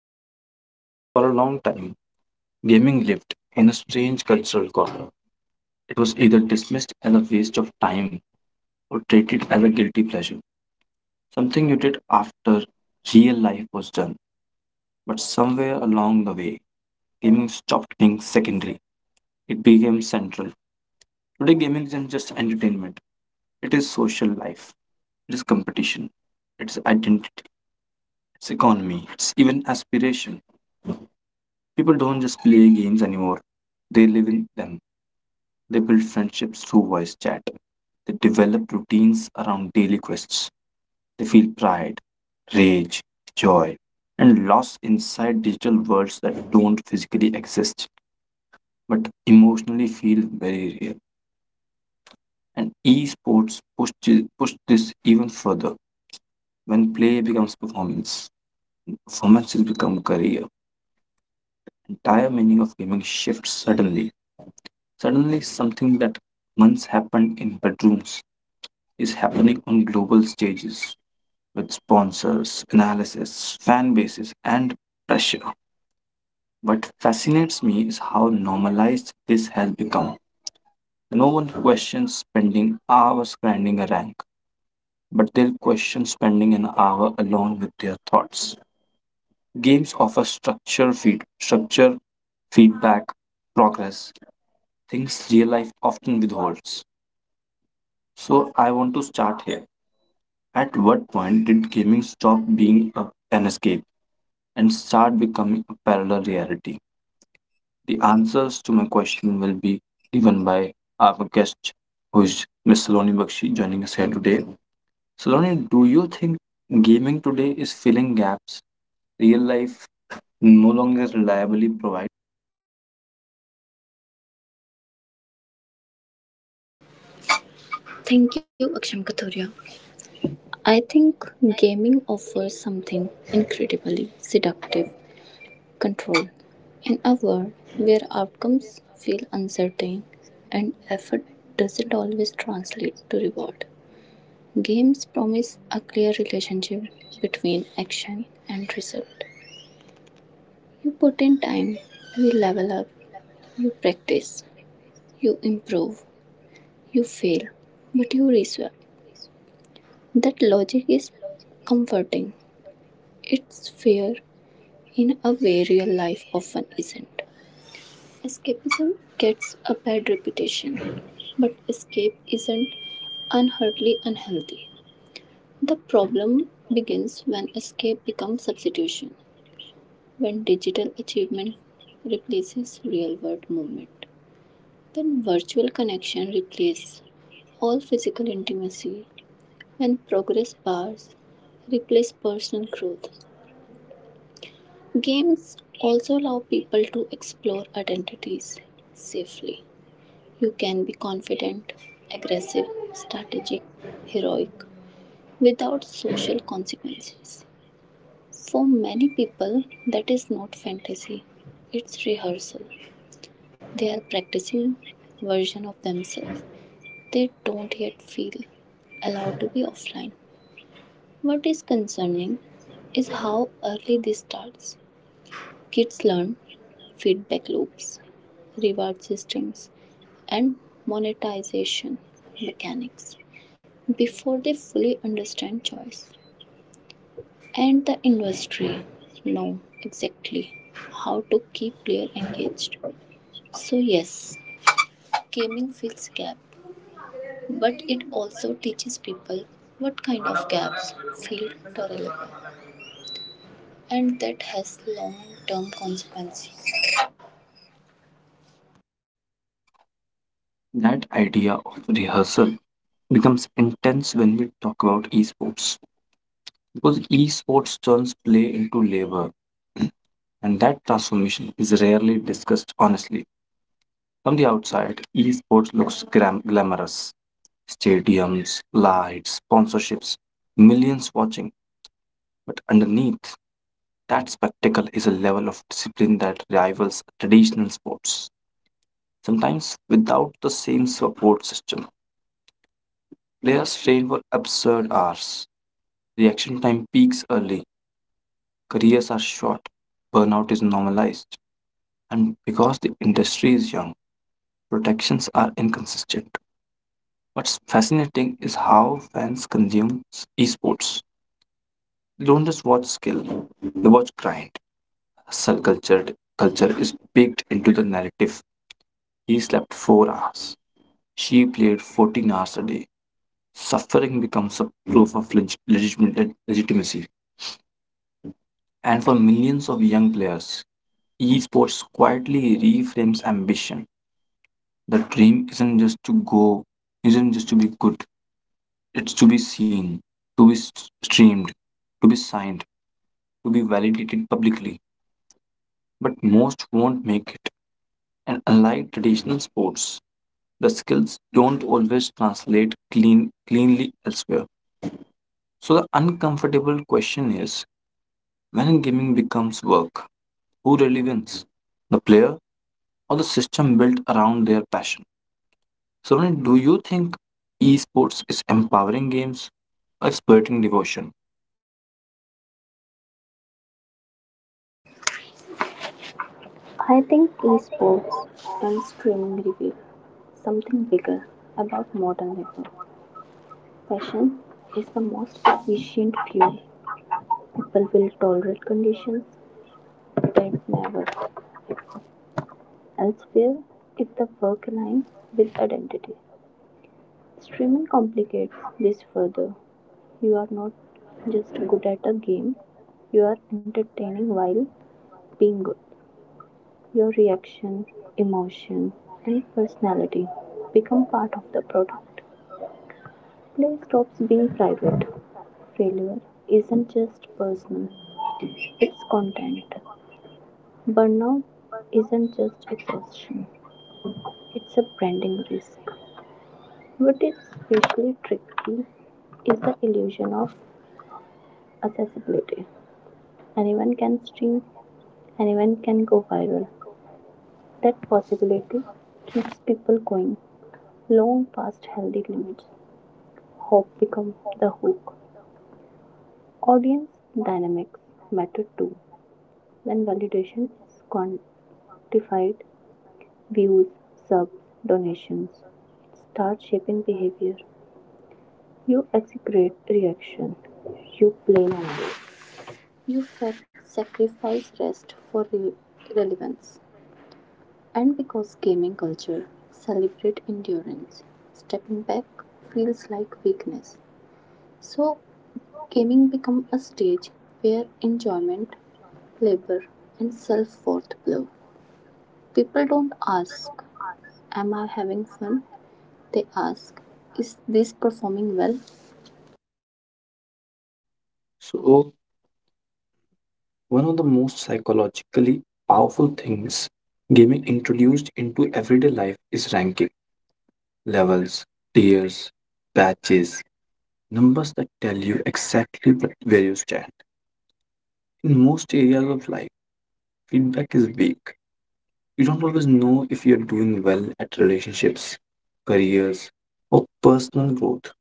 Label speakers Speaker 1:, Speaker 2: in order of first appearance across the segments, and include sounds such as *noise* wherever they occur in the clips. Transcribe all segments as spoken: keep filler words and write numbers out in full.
Speaker 1: podcast. For a long time, gaming lived in a strange cultural corner. It was either dismissed as a waste of time or treated as a guilty pleasure, something you did after real life was done. But somewhere along the way, gaming stopped being secondary, it became central. Today, gaming isn't just entertainment, it is social life, it is competition, it is identity, it's economy, it's even aspiration. People don't just play games anymore, they live in them. They build friendships through voice chat. They develop routines around daily quests. They feel pride, rage, joy, and loss inside digital worlds that don't physically exist but emotionally feel very real. And esports push, thi- push this even further. When play becomes performance, performance has become career. Entire meaning of gaming shifts suddenly. Suddenly, something that once happened in bedrooms is happening on global stages with sponsors, analysis, fan bases, and pressure. What fascinates me is how normalized this has become. No one questions spending hours grinding a rank, but they'll question spending an hour alone with their thoughts. Games offer structure, feed, structure, feedback, progress, things real life often withholds. So I want to start here. At what point did gaming stop being a, an escape and start becoming a parallel reality? The answers to my question will be given by our guest, who is Miss Saloni Bakshi, joining us here today. Saloni, do you think gaming today is filling gaps real life no longer reliably provides?
Speaker 2: Thank you, Aksham Kathuria. I think gaming offers something incredibly seductive control. In a world where outcomes feel uncertain and effort doesn't always translate to reward, games promise a clear relationship between action and result. You put in time, you level up, you practice, you improve, you fail, but you reswap. That logic is comforting. It's fair in a way real life often isn't. Escapism gets a bad reputation, but escape isn't inherently unhealthy. The problem begins when escape becomes substitution, when digital achievement replaces real world movement, when virtual connection replaces all physical intimacy, when progress bars replace personal growth, games also allow people to explore identities safely. You can be confident, aggressive, strategic, heroic without social consequences. For many people, that is not fantasy, it's rehearsal. They are practicing version of themselves. They don't yet feel allowed to be offline. What is concerning is how early this starts. Kids learn feedback loops, reward systems, and monetization mechanics before they fully understand choice. And the industry know exactly how to keep players engaged. So yes, gaming fills gaps, but it also teaches people what kind of gaps feel tolerable and that has long-term consequences.
Speaker 1: That idea of rehearsal becomes intense when we talk about esports, because esports turns play into labor, *clears throat* and that transformation is rarely discussed honestly. From the outside, esports looks gram- glamorous: stadiums, lights, sponsorships, millions watching, but underneath that spectacle is a level of discipline that rivals traditional sports. Sometimes without the same support system, players train for absurd hours. Reaction time peaks early, careers are short, burnout is normalized, and because the industry is young, protections are inconsistent. What's fascinating is how fans consume s- esports. They don't just watch skill, they watch grind. Hustle culture, Culture is baked into the narrative. He slept four hours. She played fourteen hours a day. Suffering becomes a proof of leg- legitimate- legitimacy. And for millions of young players, esports quietly reframes ambition. The dream isn't just to go, isn't just to be good. It's to be seen, to be s- streamed, to be signed, to be validated publicly. But most won't make it. And unlike traditional sports, the skills don't always translate clean, cleanly elsewhere. So the uncomfortable question is, when gaming becomes work, who really wins? The player or the system built around their passion? Sonali, do you think esports is empowering games or exploiting devotion?
Speaker 2: I think esports and streaming reveal something bigger about modern labor. Passion is the most efficient fuel. People will tolerate conditions that never elsewhere if the work aligns with identity. Streaming complicates this further. You are not just good at a game, you are entertaining while being good. Your reaction, emotion, and personality become part of the product. Play stops being private. Failure isn't just personal, it's content. Burnout isn't just exhaustion, it's a branding risk. What is especially tricky is the illusion of accessibility. Anyone can stream, anyone can go viral. That possibility keeps people going long past healthy limits. Hope becomes the hook. Audience dynamics matter too. When validation is quantified, views, subs, donations start shaping behavior. You execrate reaction. You blame another. You sacrifice rest for re- relevance. And because gaming culture celebrates endurance, stepping back feels like weakness. So gaming becomes a stage where enjoyment, labor, and self-worth blow. People don't ask, am I having fun? They ask, is this performing well?
Speaker 1: So, one of the most psychologically powerful things gaming introduced into everyday life is ranking, levels, tiers, patches, numbers that tell you exactly what- where you stand. In most areas of life, feedback is weak. You don't always know if you're doing well at relationships, careers, or personal growth,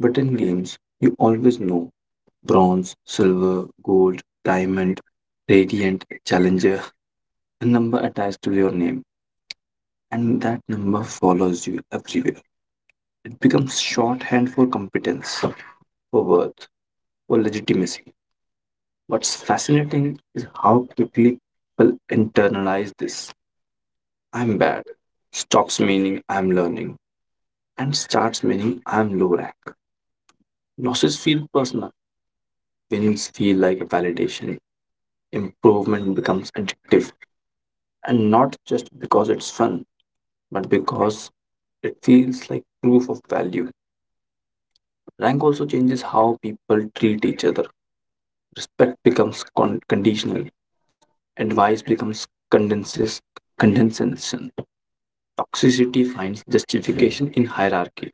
Speaker 1: but in games, you always know: bronze, silver, gold, diamond, radiant, challenger, a number attached to your name, and that number follows you everywhere. It becomes shorthand for competence, for worth, for legitimacy. What's fascinating is how quickly people internalize this. "I'm bad" stops meaning "I'm learning," and starts meaning "I'm low rank." Losses feel personal, wins feel like validation, improvement becomes addictive. And not just because it's fun, but because it feels like proof of value. Rank also changes how people treat each other. Respect becomes con- conditional, advice becomes condenses- condescension. Toxicity finds justification in hierarchy.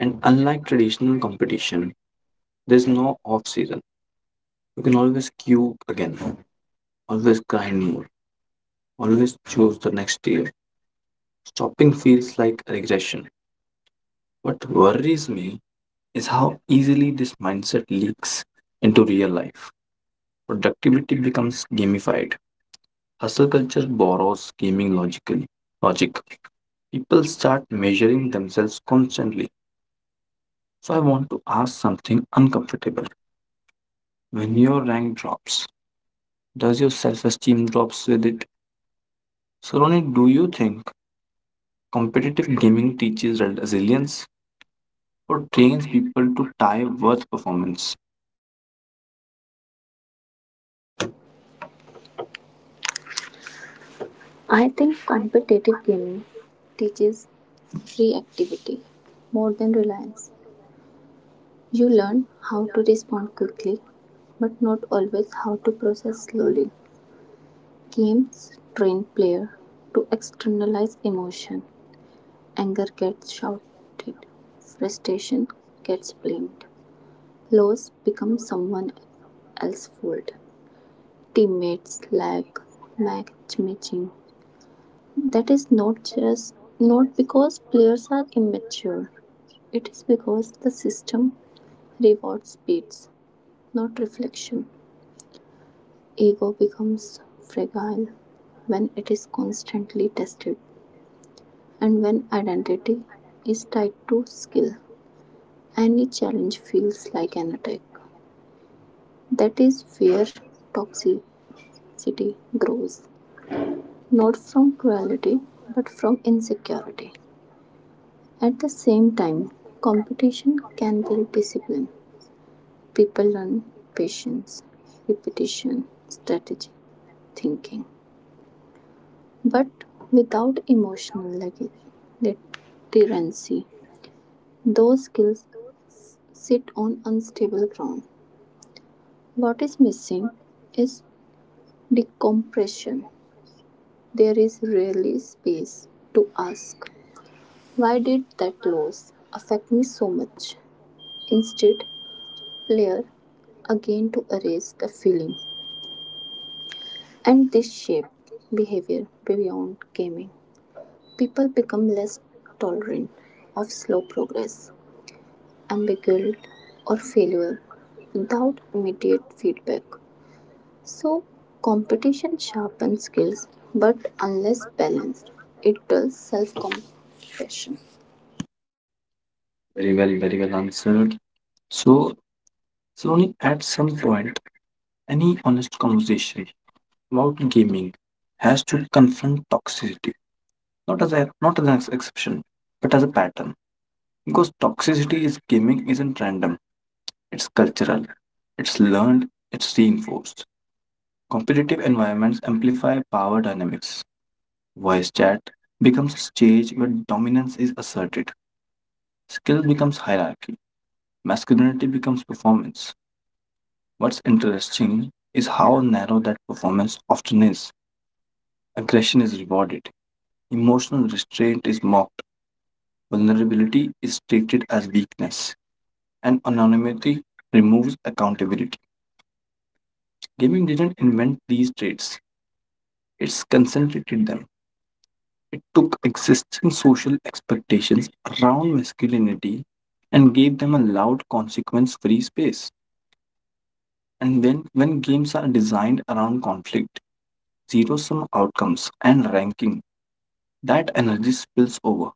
Speaker 1: And unlike traditional competition, there's no off season. You can always queue again, always grind more, always choose the next tier. Stopping feels like regression. What worries me is how easily this mindset leaks into real life. Productivity becomes gamified. Hustle culture borrows gaming logically logic. People start measuring themselves constantly. So I want to ask something uncomfortable. When your rank drops, does your self-esteem drops with it? So Ronit, do you think competitive gaming teaches resilience or trains people to tie worth performance?
Speaker 2: I think competitive gaming teaches reactivity more than reliance. You learn how to respond quickly, but not always how to process slowly. Games train player to externalize emotion. Anger gets shouted, frustration gets blamed, loss becomes someone else's fault. Teammates lack matchmaking. That is not just not because players are immature. It is because the system rewards speeds, not reflection. Ego becomes fragile when it is constantly tested and when identity is tied to skill. Any challenge feels like an attack. That is where toxicity grows, not from cruelty but from insecurity. At the same time, competition can build discipline. People learn patience, repetition, strategy, thinking. But without emotional luggage, literacy, those skills sit on unstable ground. What is missing is decompression. There is rarely space to ask, why did that loss affect me so much? Instead, player again to erase the feeling. And this shaped behavior beyond gaming. People become less tolerant of slow progress, ambiguity, or failure without immediate feedback. So, competition sharpens skills, but unless balanced, it dulls self compassion.
Speaker 1: Very well, very well answered. So Slowly, at some point, any honest conversation about gaming has to confront toxicity, not as a not as an exception, but as a pattern. Because toxicity is gaming isn't random; it's cultural, it's learned, it's reinforced. Competitive environments amplify power dynamics. Voice chat becomes a stage where dominance is asserted. Skill becomes hierarchy. Masculinity becomes performance. What's interesting is how narrow that performance often is. Aggression is rewarded. Emotional restraint is mocked, vulnerability is treated as weakness, and anonymity removes accountability. Gaming didn't invent these traits, it's concentrated them. It took existing social expectations around masculinity and gave them a loud, consequence free space. And then, when games are designed around conflict, zero sum outcomes, and ranking, that energy spills over.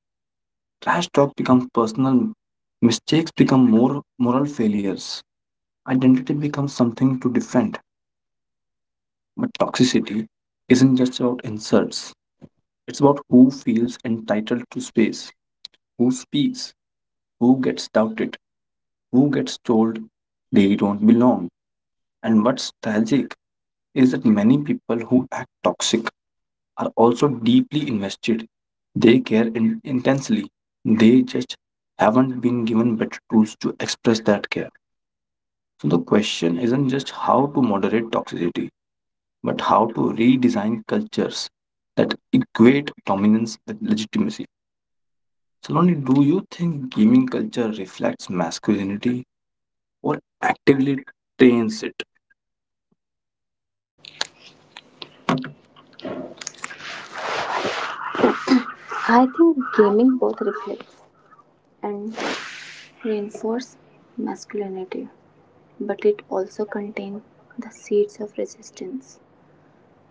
Speaker 1: Trash talk becomes personal, mistakes become more moral failures, identity becomes something to defend. But toxicity isn't just about insults, it's about who feels entitled to space, who speaks, who gets doubted, who gets told they don't belong. And what's tragic is that many people who act toxic are also deeply invested. They care in- intensely. They just haven't been given better tools to express that care. So the question isn't just how to moderate toxicity, but how to redesign cultures that equate dominance with legitimacy. So Lonnie, do you think gaming culture reflects masculinity or actively trains it?
Speaker 2: I think gaming both reflects and reinforce masculinity, but it also contained the seeds of resistance.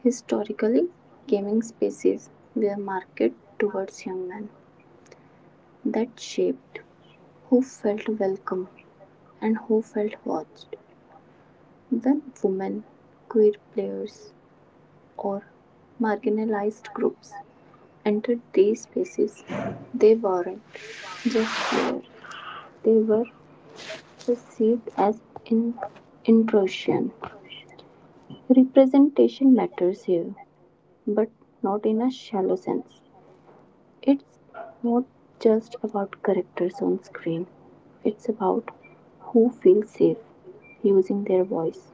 Speaker 2: Historically, gaming spaces were marketed towards young men that shaped who felt welcome and who felt watched. When women, queer players, or marginalized groups entered these spaces, they weren't just players, they were perceived as in- intrusion. Representation matters here, but not in a shallow sense. It's not just about characters on screen, it's about who feels safe using their voice,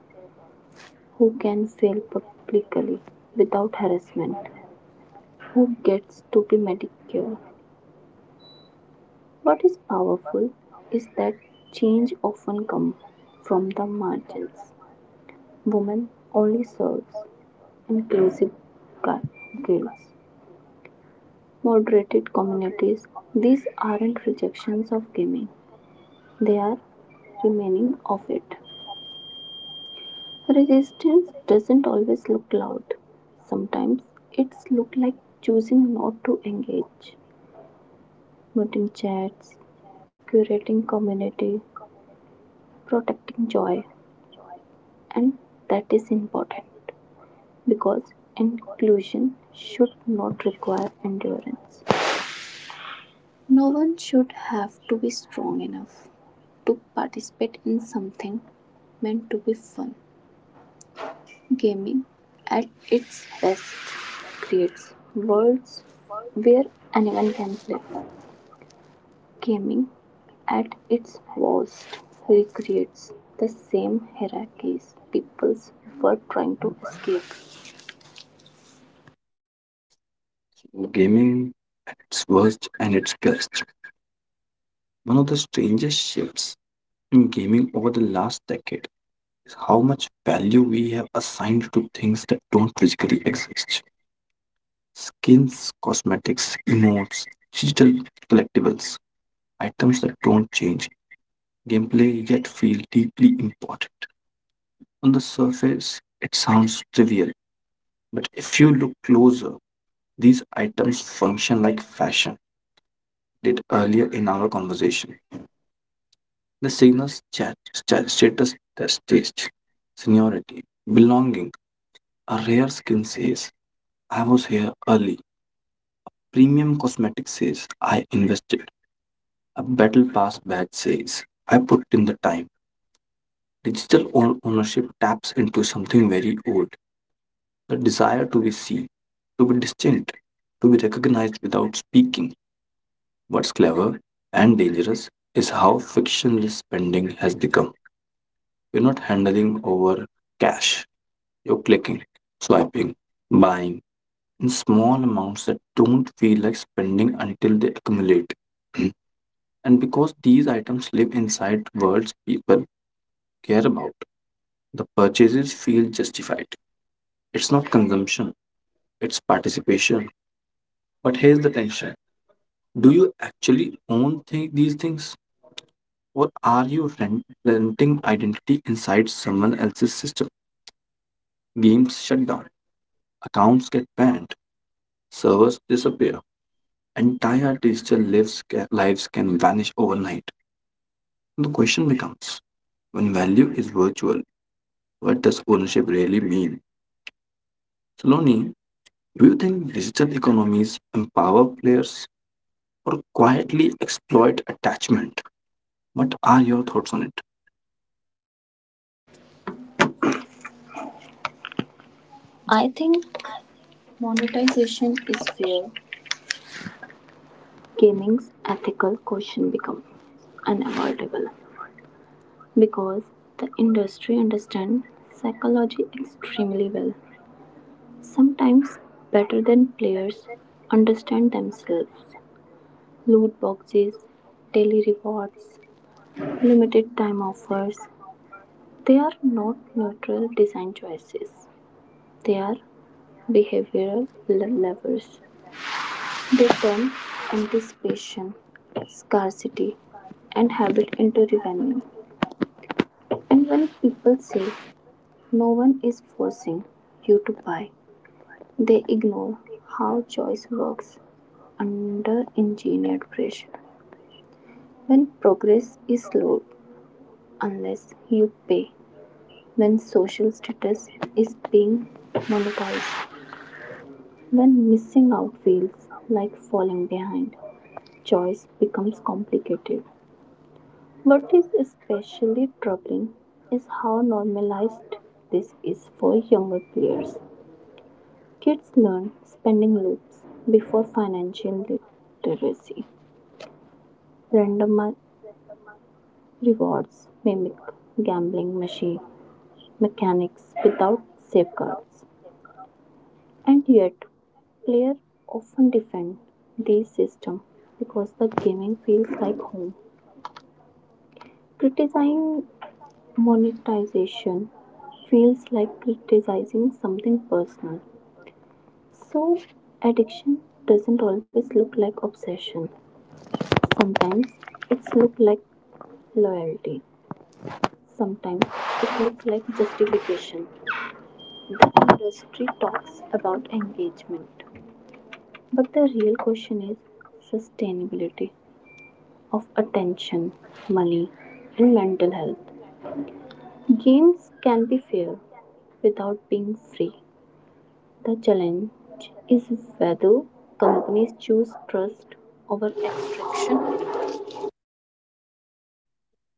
Speaker 2: who can fail publicly without harassment, who gets to be medicated. What is powerful is that change often comes from the margins. Women only serves inclusive gu- guilds, moderated communities. These aren't rejections of gaming, they are remaining of it. Resistance doesn't always look loud. Sometimes it's look like choosing not to engage, muting chats, curating community, protecting joy, and that is important because inclusion should not require endurance. No one should have to be strong enough to participate in something meant to be fun. Gaming, at its best, creates worlds where anyone can play. Gaming, at its worst, recreates the same hierarchies people were trying to escape.
Speaker 1: Gaming at its worst and its best. One of the strangest shifts in gaming over the last decade is how much value we have assigned to things that don't physically exist. Skins, cosmetics, emotes, digital collectibles, items that don't change, gameplay yet feel deeply important. On the surface, it sounds trivial, but if you look closer, these items function like fashion did earlier in our conversation. The signals chat, sta- status test taste, seniority, belonging. A rare skin says, "I was here early." Premium cosmetic says, "I invested." A battle pass badge says, "I put in the time." Digital own ownership taps into something very old: the desire to be seen, to be distinct, to be recognized without speaking. What's clever and dangerous is how frictionless spending has become. You're not handling over cash, you're clicking, swiping, buying in small amounts that don't feel like spending until they accumulate. *clears throat* And because these items live inside worlds people care about, the purchases feel justified. It's not consumption, it's participation. But here's the tension: do you actually own thi- these things? Or are you rent- renting identity inside someone else's system? Games shut down, accounts get banned, servers disappear, entire digital lives, ca- lives can vanish overnight. The question becomes, when value is virtual, what does ownership really mean? Saloni, do you think digital economies empower players or quietly exploit attachment? What are your thoughts on it?
Speaker 2: I think monetization is where gaming's ethical question becomes unavoidable, because the industry understands psychology extremely well. Sometimes better than players understand themselves. Loot boxes, daily rewards, limited time offers, they are not neutral design choices. They are behavioral levers. They turn anticipation, scarcity, and habit into revenue. And when people say no one is forcing you to buy, they ignore how choice works under engineered pressure. When progress is slowed unless you pay. When social status is being monetized. When missing out feels like falling behind. Choice becomes complicated. What is especially troubling is how normalized this is for younger players. Kids learn spending loops before financial literacy, randomi- rewards mimic gambling machine mechanics without safeguards, and yet players often defend this system because the gaming feels like home. Criticizing monetization feels like criticizing something personal. So addiction doesn't always look like obsession. Sometimes it's look like loyalty. Sometimes it looks like justification. The industry talks about engagement, but the real question is sustainability of attention, money, and mental health. Games can be fair without being free. The challenge is whether companies choose trust over extraction.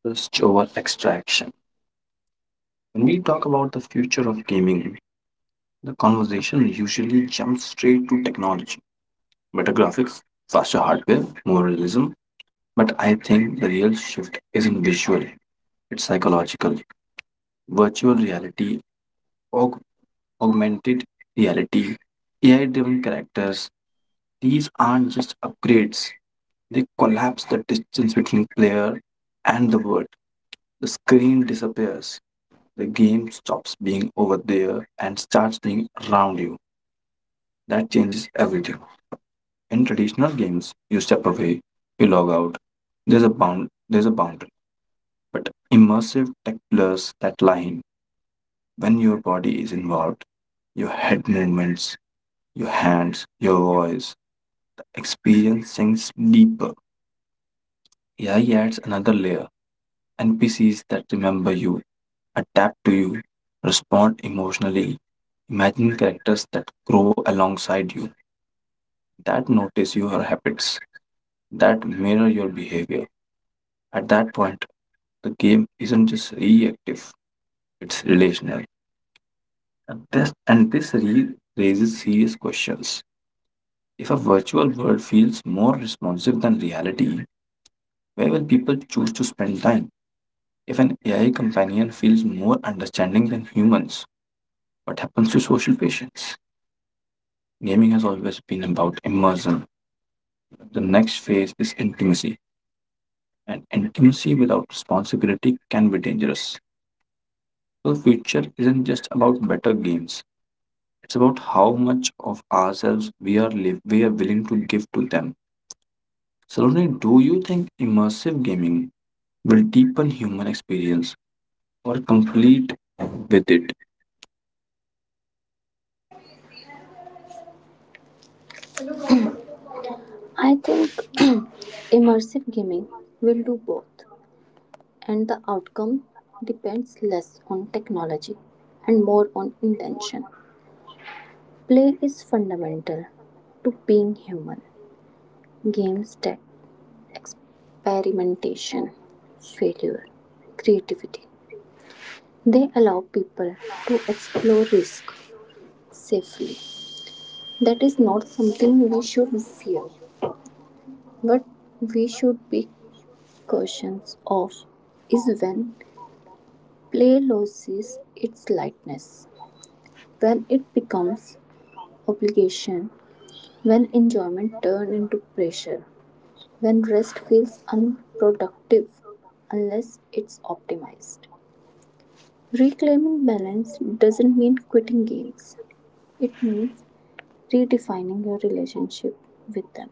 Speaker 1: Just over extraction. When we talk about the future of gaming, the conversation usually jumps straight to technology, better graphics, faster hardware, more realism. But I think the real shift isn't visual, it's psychological. Virtual reality, aug- augmented reality, A I driven characters, these aren't just upgrades, they collapse the distance between player and the world. The screen disappears. The game stops being over there and starts being around you. That changes everything. In traditional games, you step away, you log out. There's a bound there's a boundary. But immersive tech blurs that line. When your body is involved, your head movements, your hands, your voice, the experience sinks deeper. A I adds another layer. N P Cs that remember you, adapt to you, respond emotionally. Imagine characters that grow alongside you, that notice your habits, that mirror your behavior. At that point, the game isn't just reactive, it's relational. And this, and this re- raises serious questions. If a virtual world feels more responsive than reality, where will people choose to spend time? If an A I companion feels more understanding than humans, what happens to social patience? Gaming has always been about immersion. The next phase is intimacy, and intimacy without responsibility can be dangerous. So, the future isn't just about better games, it's about how much of ourselves we are, live, we are willing to give to them. Saloni, do you think immersive gaming will deepen human experience or complete with it?
Speaker 2: I think *clears throat* immersive gaming will do both, and the outcome depends less on technology and more on intention. Play is fundamental to being human. Games test experimentation, failure, creativity. They allow people to explore risk safely. That is not something we should fear. What we should be cautious of is when play loses its lightness, when it becomes obligation, when enjoyment turns into pressure. When rest feels unproductive unless it's optimized. Reclaiming balance doesn't mean quitting games, it means redefining your relationship with them.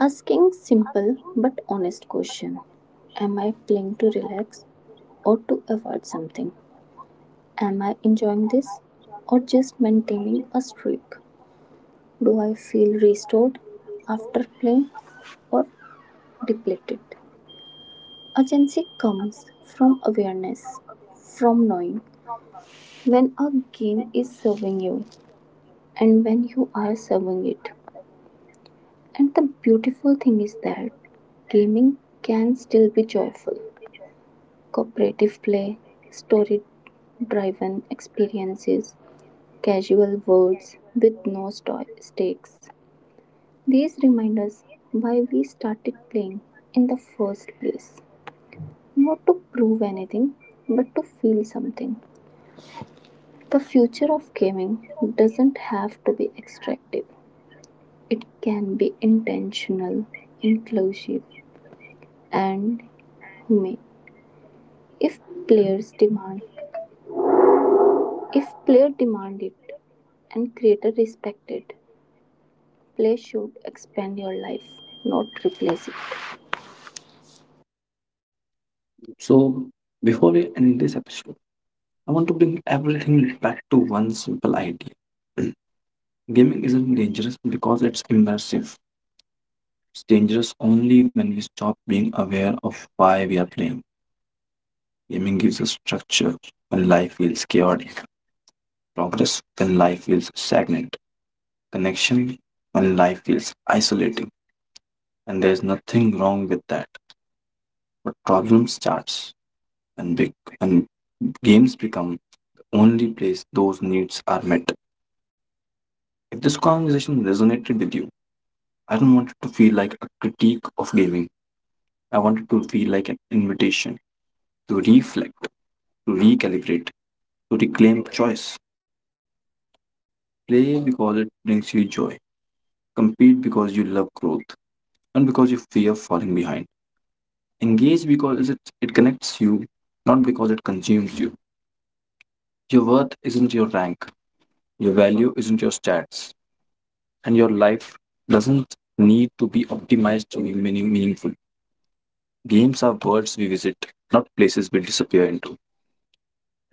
Speaker 2: Asking simple but honest question, am I playing to relax or to avoid something? Am I enjoying this or just maintaining a streak? Do I feel restored after playing or depleted? Agency comes from awareness, from knowing when a game is serving you and when you are serving it. And the beautiful thing is that gaming can still be joyful. Cooperative play, story driven experiences, casual words with no sto- stakes. These remind us why we started playing in the first place. Not to prove anything, but to feel something. The future of gaming doesn't have to be extractive, it can be intentional, inclusive, and humane. If players demand if player demand it and creator respect it, play should expand your life, not replace it.
Speaker 1: So, before we end this episode, I want to bring everything back to one simple idea. *clears throat* Gaming isn't dangerous because it's immersive. It's dangerous only when we stop being aware of why we are playing. Gaming gives us structure when life feels chaotic, progress when life feels stagnant, connection when life feels isolating. And there's nothing wrong with that. But problem starts when big when games become the only place those needs are met. If this conversation resonated with you, I don't want it to feel like a critique of gaming. I want it to feel like an invitation to reflect, to recalibrate, to reclaim choice. Play because it brings you joy. Compete because you love growth, not because you fear falling behind. Engage because it, it connects you, not because it consumes you. Your worth isn't your rank, your value isn't your stats, and your life doesn't need to be optimized to be meaning, meaningful. Games are worlds we visit, not places we disappear into.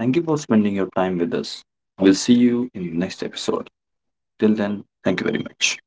Speaker 1: Thank you for spending your time with us. We'll see you in the next episode. Till then, thank you very much.